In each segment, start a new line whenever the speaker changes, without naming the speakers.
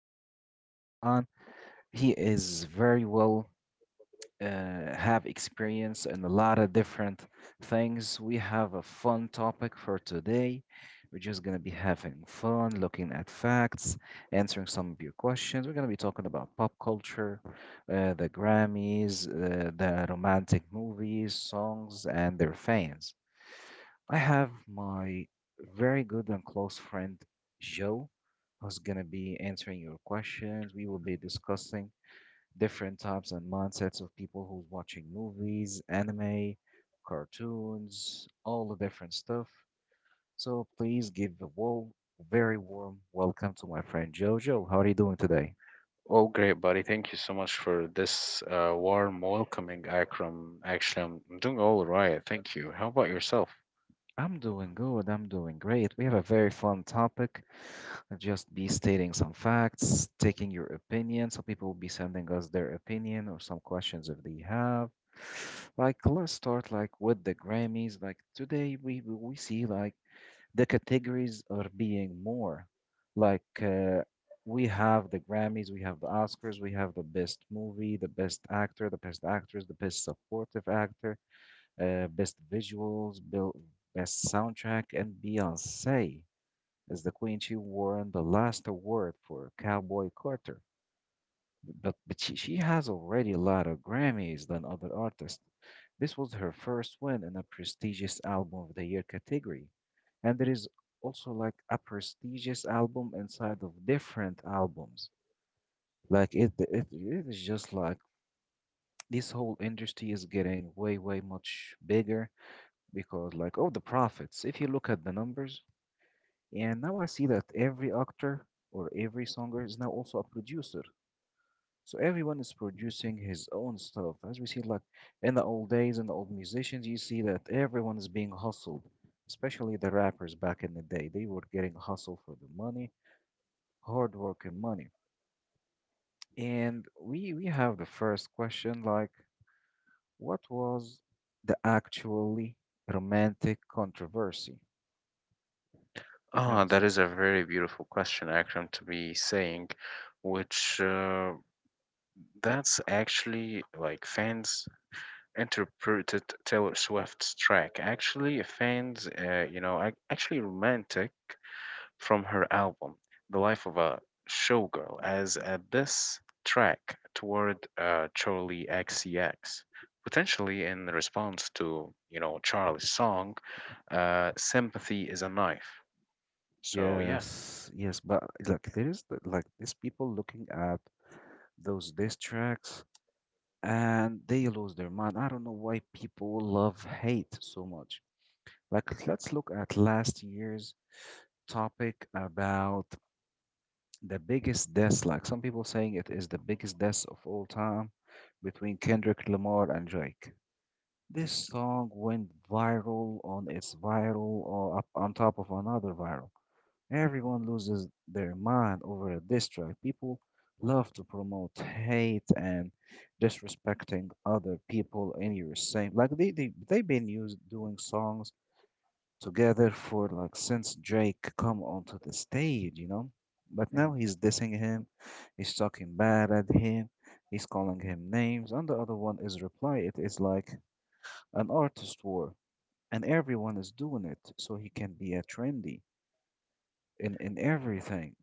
mine. He is very well have experience in a lot of different things. We have a fun topic for today. We're just going to be having fun, looking at facts, answering some of your questions. We're going to be talking about pop culture, the Grammys, the romantic movies, songs, and their fans. I have my very good and close friend, Joe, who's going to be answering your questions. We will be discussing different types and mindsets of people who's watching movies, anime, cartoons, all the different stuff. So please very warm welcome to my friend Jojo. How are you doing today?
Oh, great, buddy. Thank you so much for this warm welcoming, Akram. Actually, I'm doing all right. Thank you. How about yourself?
I'm doing good. I'm doing great. We have a very fun topic. I'll just be stating some facts, taking your opinion. Some people will be sending us their opinion or some questions if they have. Like, let's start like with the Grammys. Like today, we see like the categories are being more like we have the Grammys, we have the Oscars, we have the best movie, the best actor, the best actress, the best supportive actor, best visuals, best soundtrack, and Beyonce as the queen. She won the last award for Cowboy Carter. But she has already a lot of Grammys than other artists. This was her first win in a prestigious Album of the Year category. And there is also like a prestigious album inside of different albums. Like it is just like this whole industry is getting way, way much bigger because, like, oh, the profits. If you look at the numbers, and now I see that every actor or every songer is now also a producer. So everyone is producing his own stuff. As we see, like in the old days and the old musicians, you see that everyone is being hustled, especially the rappers back in the day. They were getting hustled for the money, hard work and money. And we have the first question, like, what was the actually romantic controversy? I have
Ah,
this.
that is a very beautiful question, Akram, to be saying, which that's actually like fans interpreted Taylor Swift's track. Actually, fans, actually romantic. From her album "The Life of a Showgirl" as a diss track toward Charlie XCX, potentially in response to Charlie's song "Sympathy Is a Knife." So yeah.
Yes, yes, but like there is like these people looking at those diss tracks and they lose their mind. I don't know why people love hate so much. Like, let's look at last year's topic about the biggest death, like some people saying it is the biggest death of all time between Kendrick Lamar and Drake. This song went viral on its viral or up on top of another viral. Everyone loses their mind over a diss track. People love to promote hate and disrespecting other people in your same like they've been used doing songs together for like since Drake come onto the stage, you know. But now
Mhm.
he's dissing him, he's talking bad at him, he's calling him names, and the other one is reply. It is like an artist war, and everyone is doing it, so he can be a trendy in everything.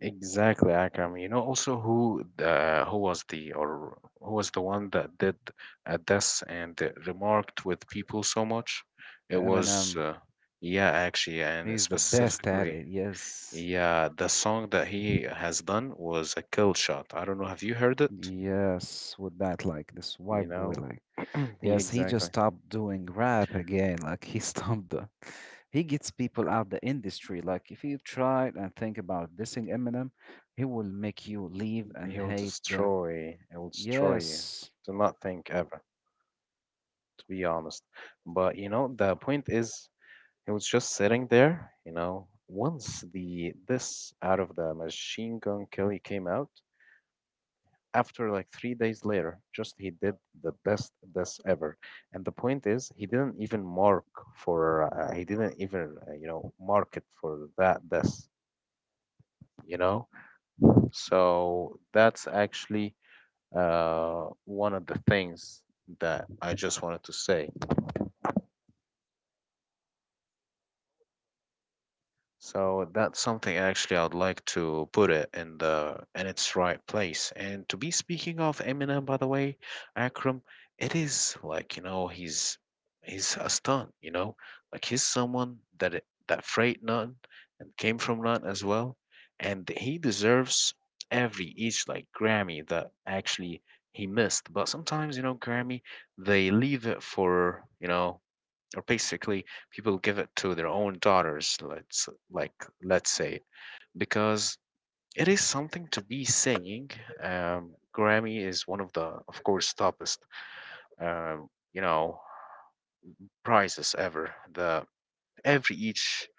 Exactly, Akram. You know also who the who was the one that did this and remarked with people so much? It was
Eminem,
yeah, actually, and
he's the best at
specifically.
it. Yes.
Yeah, the song that he has done was a kill shot. I don't know, have you heard it?
Yes, with that, like this
You
white boy,
know?
like, yes, he just
Exactly.
stopped doing rap again. Like, he stopped the, he gets people out the industry. Like, if you try and think about dissing Eminem, he will make you leave and
He'll
hate the,
destroy, he'll destroy you.
yes,
Do not think ever, to be honest. But you know, the point is, he was just sitting there, you know. Once the this out of the Machine Gun Kelly came out, after like 3 days later, just he did the best this ever. And the point is, he didn't even mark for, he didn't even, mark it for that this, you know? So that's actually one of the things that I just wanted to say. So that's something actually I'd like to put it in the in its right place. And to be speaking of Eminem, by the way, Akram, it is like you know he's a stunt, you know, like he's someone that that freight none and came from none as well, and he deserves every each like Grammy that actually he missed. But sometimes you know Grammy they leave it for you know or basically people give it to their own daughters let's like let's say because it is something to be saying, Grammy is one of the of course toppest, um, you know prizes ever. The every each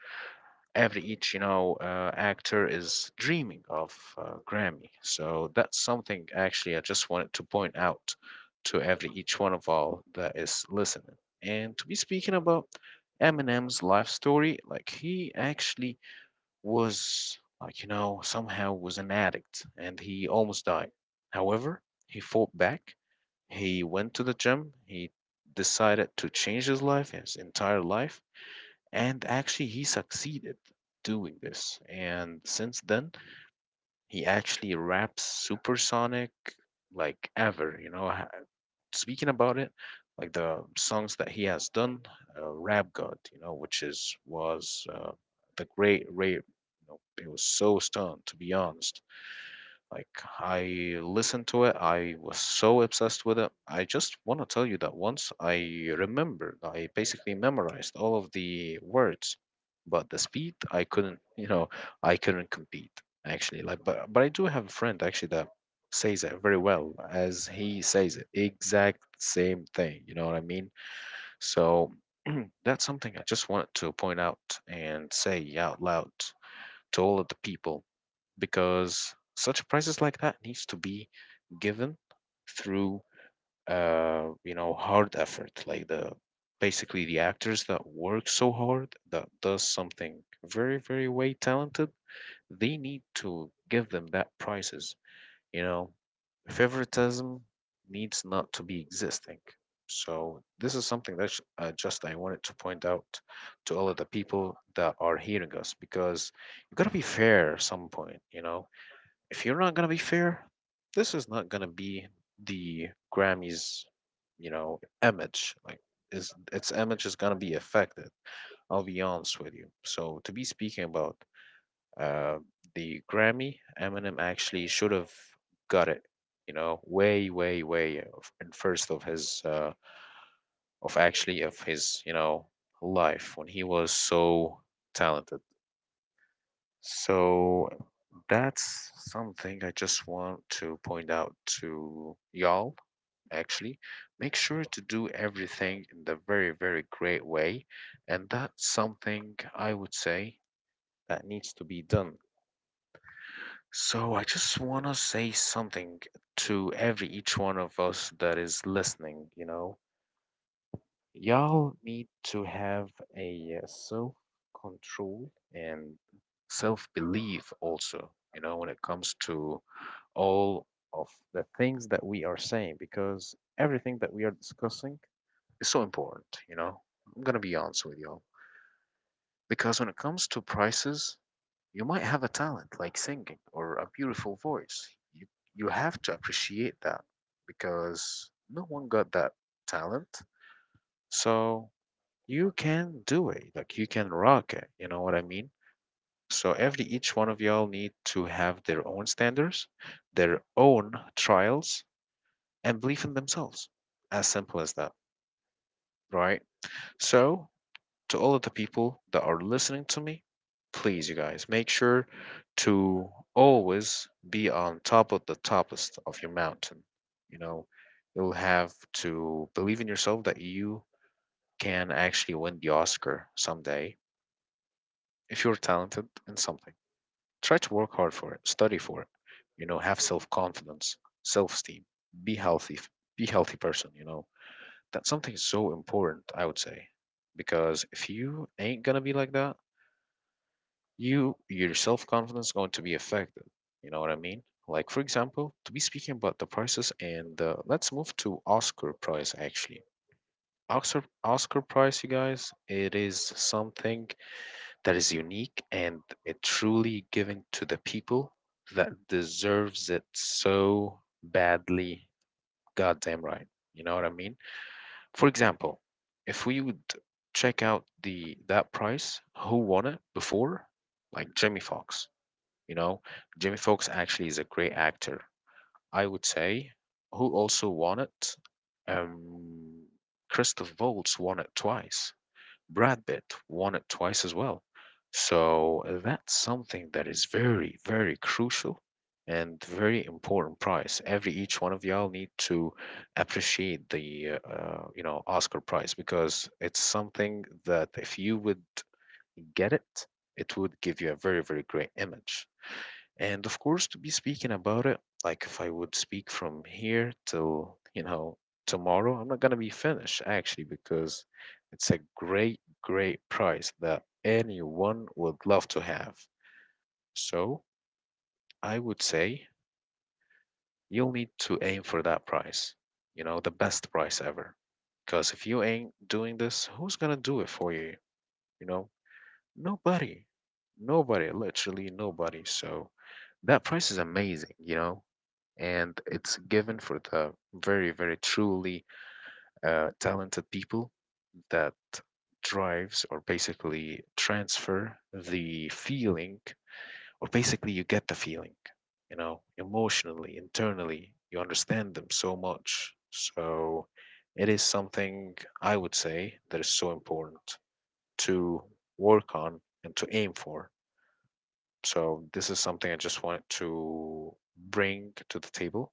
every each you know actor is dreaming of Grammy. So that's something actually I just wanted to point out to every each one of all that is listening. And to be speaking about Eminem's life story, like he actually was like you know somehow was an addict and he almost died. However, he fought back, he went to the gym, he decided to change his life, his entire life, and actually, he succeeded doing this. And since then, he actually raps supersonic like ever. You know, speaking about it, like the songs that he has done, Rap God, you know, which is was the great Ray. You know, it was so stunned, to be honest. Like I listened to it, I was so obsessed with it. I just want to tell you that once I remembered, I basically memorized all of the words, but the speed I couldn't, you know, I couldn't compete actually. Like, but I do have a friend actually that says it very well as he says it, exact same thing. You know what I mean? So that's something I just wanted to point out and say out loud to all of the people because such prizes like that needs to be given through hard effort, like the basically the actors that work so hard that does something very, very way talented, they need to give them that prizes. You know, favoritism needs not to be existing. So this is something that just I wanted to point out to all of the people that are hearing us. Because you gotta be fair at some point, you know. If you're not gonna be fair, this is not gonna be the Grammys, you know, image. Like, is its image is gonna be affected. I'll be honest with you. So to be speaking about uh, the Grammy, Eminem actually should have got it. You know, way, way, way in first of his of actually of his you know life when he was so talented. So that's something I just want to point out to y'all. Actually, make sure to do everything in the very, very great way. And that's something I would say that needs to be done. So I just want to say something to every each one of us that is listening, you know. Y'all need to have a self control and self belief also, you know, when it comes to all of the things that we are saying because everything that we are discussing is so important, you know. I'm gonna be honest with y'all. Because when it comes to prices, you might have a talent like singing or a beautiful voice. You have to appreciate that because no one got that talent. So you can do it. Like you can rock it, you know what I mean? So every each one of y'all need to have their own standards, their own trials, and belief in themselves. As simple as that, right? So, to all of the people that are listening to me, please, you guys, make sure to always be on top of the toppest of your mountain. You know, you'll have to believe in yourself that you can actually win the Oscar someday if you're talented in something. Try to work hard for it, study for it, you know, have self confidence, self esteem, be healthy, be healthy person, you know. That's something so important, I would say, because if you ain't gonna be like that, your self confidence is going to be affected. You know what I mean? Like for example, to be speaking about the prices, and let's move to Oscar Prize actually. Oscar Prize, you guys, it is something that is unique and it truly given to the people that deserves it so badly. Goddamn right. You know what I mean? For example, if we would check out the that price, who won it before? Like Jimmy Fox. You know, Jimmy Fox actually is a great actor. I would say, who also won it? Um, Christoph Waltz won it twice. Brad Pitt won it twice as well. So that's something that is very, very crucial and very important prize. Every each one of y'all need to appreciate the you know Oscar prize because it's something that if you would get it, it would give you a very, very great image. And of course, to be speaking about it, like if I would speak from here till, you know, tomorrow, I'm not going to be finished actually because it's a great, great prize that anyone would love to have. So I would say you'll need to aim for that prize, you know, the best prize ever. Because if you ain't doing this, who's going to do it for you? You know, nobody. Nobody, literally nobody. So that price is amazing, you know? And it's given for the very, very truly talented people that drives or basically transfer the feeling, or basically you get the feeling, you know, emotionally, internally, you understand them so much. So it is something I would say that is so important to work on and to aim for. So this is something I just wanted to bring to the table.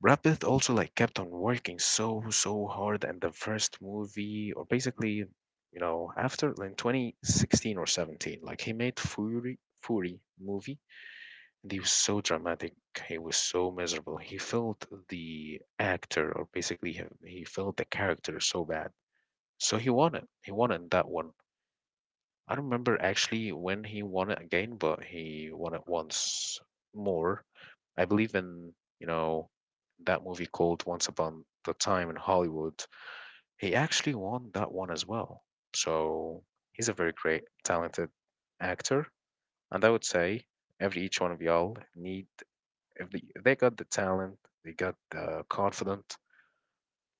Brad Pitt also like kept on working so so hard, and the first movie or basically you know after in 2016 or 17, like he made Fury movie, and he was so dramatic, he was so miserable, he felt the actor or basically he felt the character so bad, so he won it, he won in that one. I don't remember actually when he won it again, but he won it once more. I believe in, you know, that movie called Once Upon the Time in Hollywood. He actually won that one as well. So he's a very great, talented actor. And I would say every each one of y'all need, if they got the talent, they got the confident,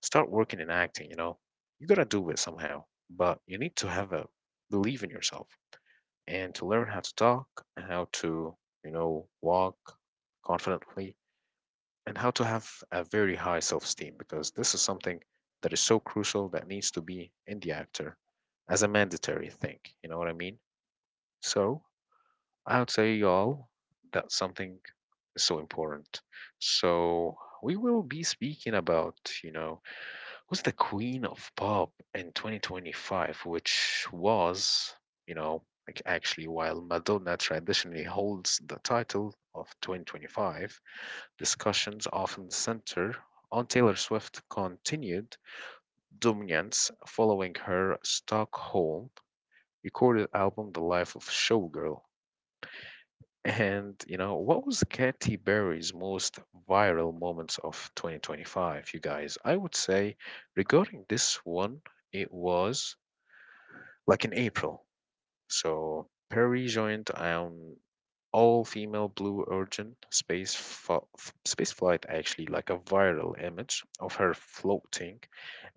start working in acting, you know. You gotta do it somehow. But you need to have a believe in yourself and to learn how to talk, and how to, you know, walk confidently and how to have a very high self esteem because this is something that is so crucial that needs to be in the actor as a mandatory thing. You know what I mean? So I would say, y'all, that something is so important. So we will be speaking about, you know, who's the queen of pop in 2025, which was, you know, like actually while Madonna traditionally holds the title of 2025, discussions often center on Taylor Swift's continued dominance following her Stockholm recorded album The Life of Showgirl. And you know, what was Katy Perry's most viral moments of 2025, you guys? I would say regarding this one, it was like in April. So Perry joined an all-female Blue Origin space flight, actually, like a viral image of her floating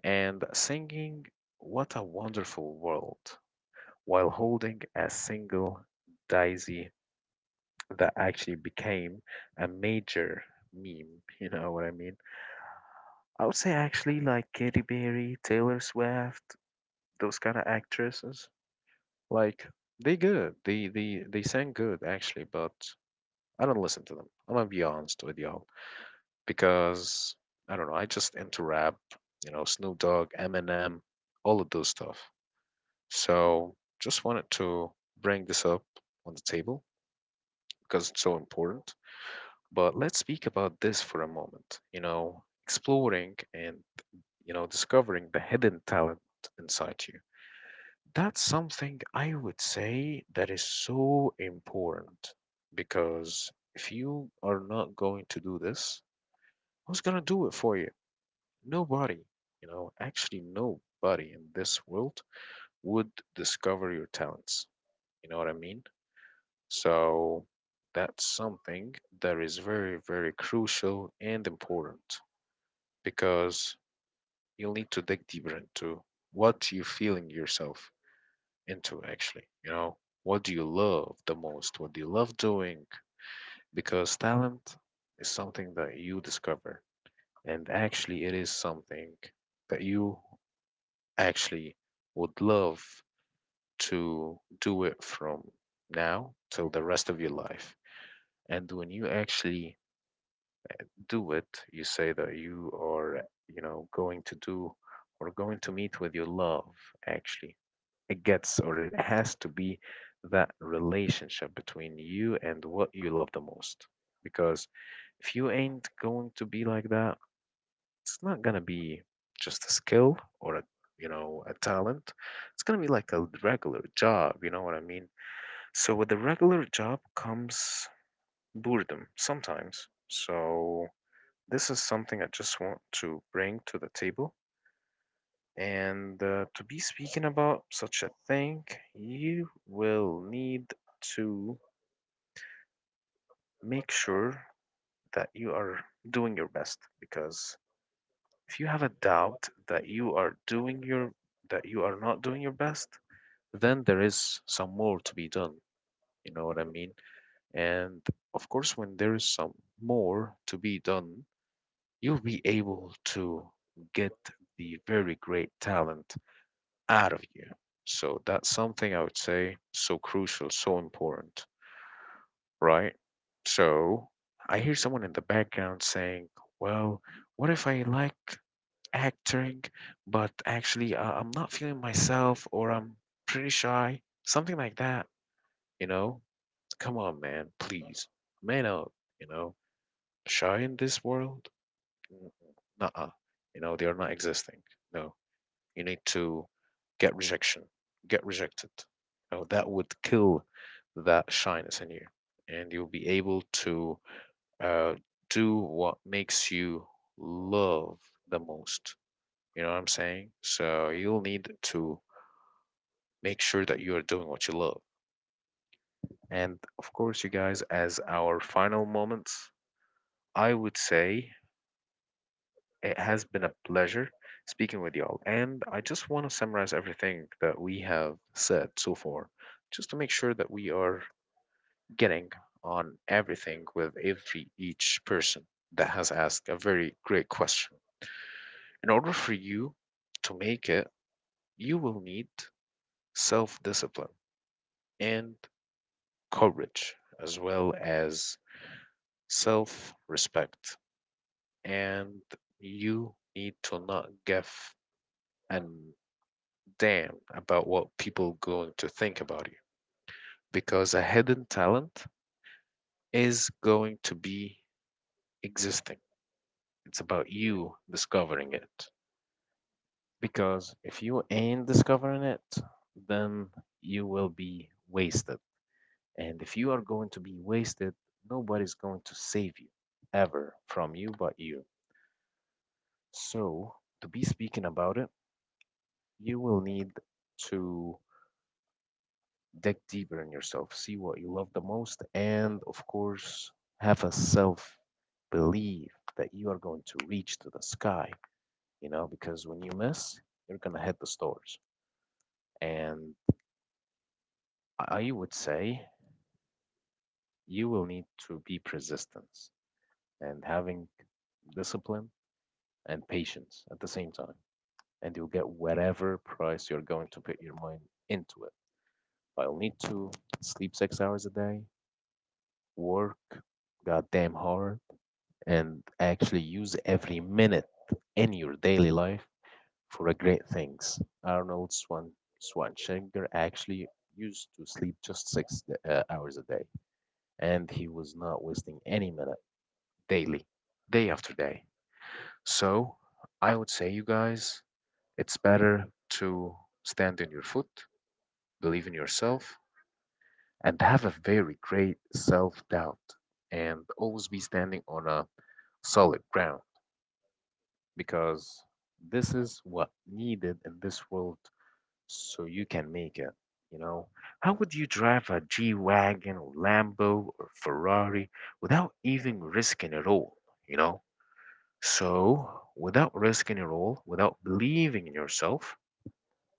and singing "What a Wonderful World" while holding a single daisy that actually became a major meme. You know what I mean? I would say actually like Katy Perry, Taylor Swift, those kind of actresses. Like they good. They sang good actually, but I don't listen to them. I'm gonna be honest with y'all because I don't know. I just into rap, you know, Snoop Dogg, Eminem, all of those stuff. So just wanted to bring this up on the table because it's so important. But let's speak about this for a moment. You know, exploring and you know discovering the hidden talent inside you. That's something I would say that is so important because if you are not going to do this, who's going to do it for you? Nobody. You know, actually, nobody in this world would discover your talents. You know what I mean? So that's something that is very, very crucial and important because you'll need to dig deeper into what you feel in yourself, into actually you know what do you love the most, what do you love doing, because talent is something that you discover, and actually it is something that you actually would love to do it from now till the rest of your life. And when you actually do it, you say that you are, you know, going to do or going to meet with your love. Actually, it gets or it has to be that relationship between you and what you love the most. Because if you ain't going to be like that, it's not gonna be just a skill or a, you know, a talent. It's gonna be like a regular job. You know what I mean? So with the regular job comes boredom sometimes. So this is something I just want to bring to the table. And to be speaking about such a thing, you will need to make sure that you are doing your best, because if you have a doubt that you are doing your that you are not doing your best, then there is some more to be done. You know what I mean? And of course, when there is some more to be done, you'll be able to get the very great talent out of you. So that's something I would say so crucial, so important, right? So I hear someone in the background saying, well, what if I like acting, but actually I'm not feeling myself or I'm pretty shy? Something like that, you know? Come on, man, please. Man up, you know? Shy in this world? Nuh. You know, they are not existing. No. You need to get rejection, get rejected, you know, that would kill that shyness in you and you'll be able to uh, do what makes you love the most. You know what I'm saying? So you'll need to make sure that you are doing what you love. And of course, you guys, as our final moments, I would say it has been a pleasure speaking with y'all, and I just want to summarize everything that we have said so far, just to make sure that we are getting on everything with every each person that has asked a very great question. In order for you to make it, you will need self discipline and courage, as well as self respect, and you need to not give an damn about what people are going to think about you, because a hidden talent is going to be existing. It's about you discovering it. Because if you ain't discovering it, then you will be wasted. And if you are going to be wasted, nobody's going to save you ever from you but you. So, to be speaking about it, you will need to dig deeper in yourself, see what you love the most, and of course, have a self belief that you are going to reach to the sky, you know, because when you miss, you're going to hit the stars. And I would say you will need to be persistent and having discipline and patience at the same time. And you'll get whatever price you're going to put your mind into it. I'll need to sleep 6 hours a day, work goddamn hard, and actually use every minute in your daily life for a great things. Schwarzenegger actually used to sleep just hours a day, and he was not wasting any minute daily, day after day. So I would say, you guys, it's better to stand on your foot, believe in yourself, and have a very great self doubt, and always be standing on a solid ground, because this is what needed in this world so you can make it. You know, how would you drive a G-Wagon or Lambo or Ferrari without even risking it all? You know, so without risking it all, without believing in yourself,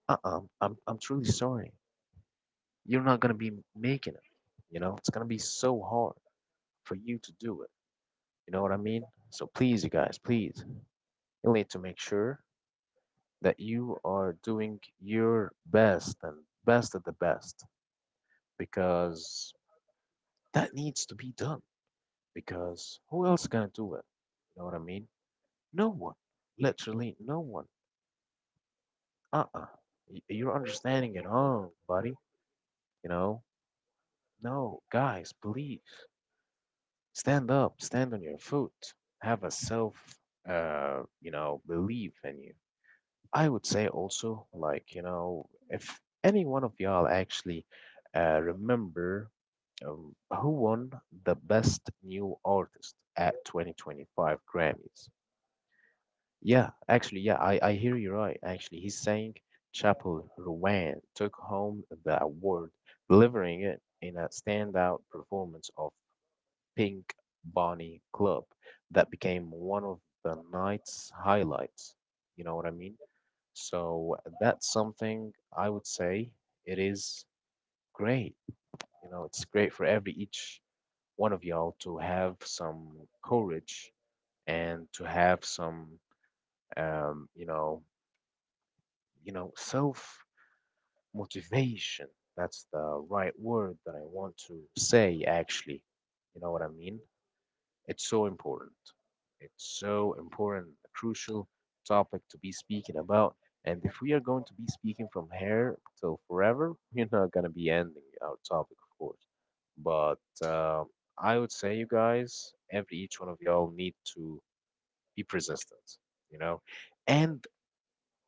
uh-uh, I'm truly sorry, you're not gonna be making it. You know, it's gonna be so hard for you to do it. You know what I mean? So please, you guys, please, you need to make sure that you are doing your best and best at the best, because that needs to be done, because who else gonna do it? You know what I mean? No one. Literally no one. Uh-uh. You're understanding it wrong, buddy. You know? No, guys, please, stand up, stand on your foot, have a self you know, belief in you. I would say also, like, you know, if any one of y'all actually remember um, who won the Best New Artist at 2025 Grammys. Yeah, actually, yeah, I hear you right. Actually, he sang Chapel Rowan, took home the award, delivering it in a standout performance of Pink Bonnie Club that became one of the night's highlights. You know what I mean? So that's something I would say it is great. You know, it's great for every each one of y'all to have some courage and to have some you know, you know self motivation. That's the right word that I want to say actually. You know what I mean? It's so important. It's so important, a crucial topic to be speaking about. And if we are going to be speaking from here till forever, we're not going to be ending our topic, of course. But I would say, you guys, every each one of y'all need to be persistent, you know, and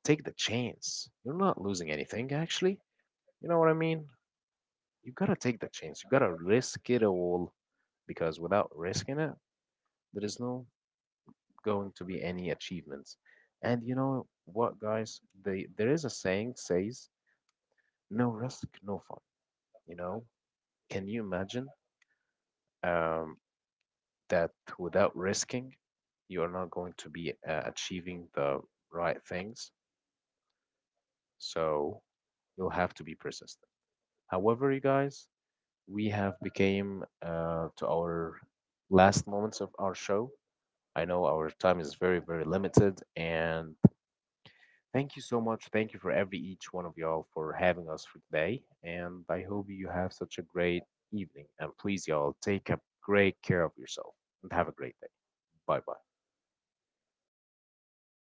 take the chance. You're not losing anything, actually. You know what I mean? You gotta take the chance. You gotta risk it all, because without risking it, there is no going to be any achievements. And you know what, guys? There is a saying says, "No risk, no fun." You know? Can you imagine um, that without risking, you are not going to be achieving the right things? So you'll have to be persistent. However, you guys, we have became to our last moments of our show. I know our time is very, very limited, and thank you so much. Thank you for every each one of y'all for having us for today. And I hope you have such a great evening. And please, y'all, take a great care of yourself and have a great day. Bye bye.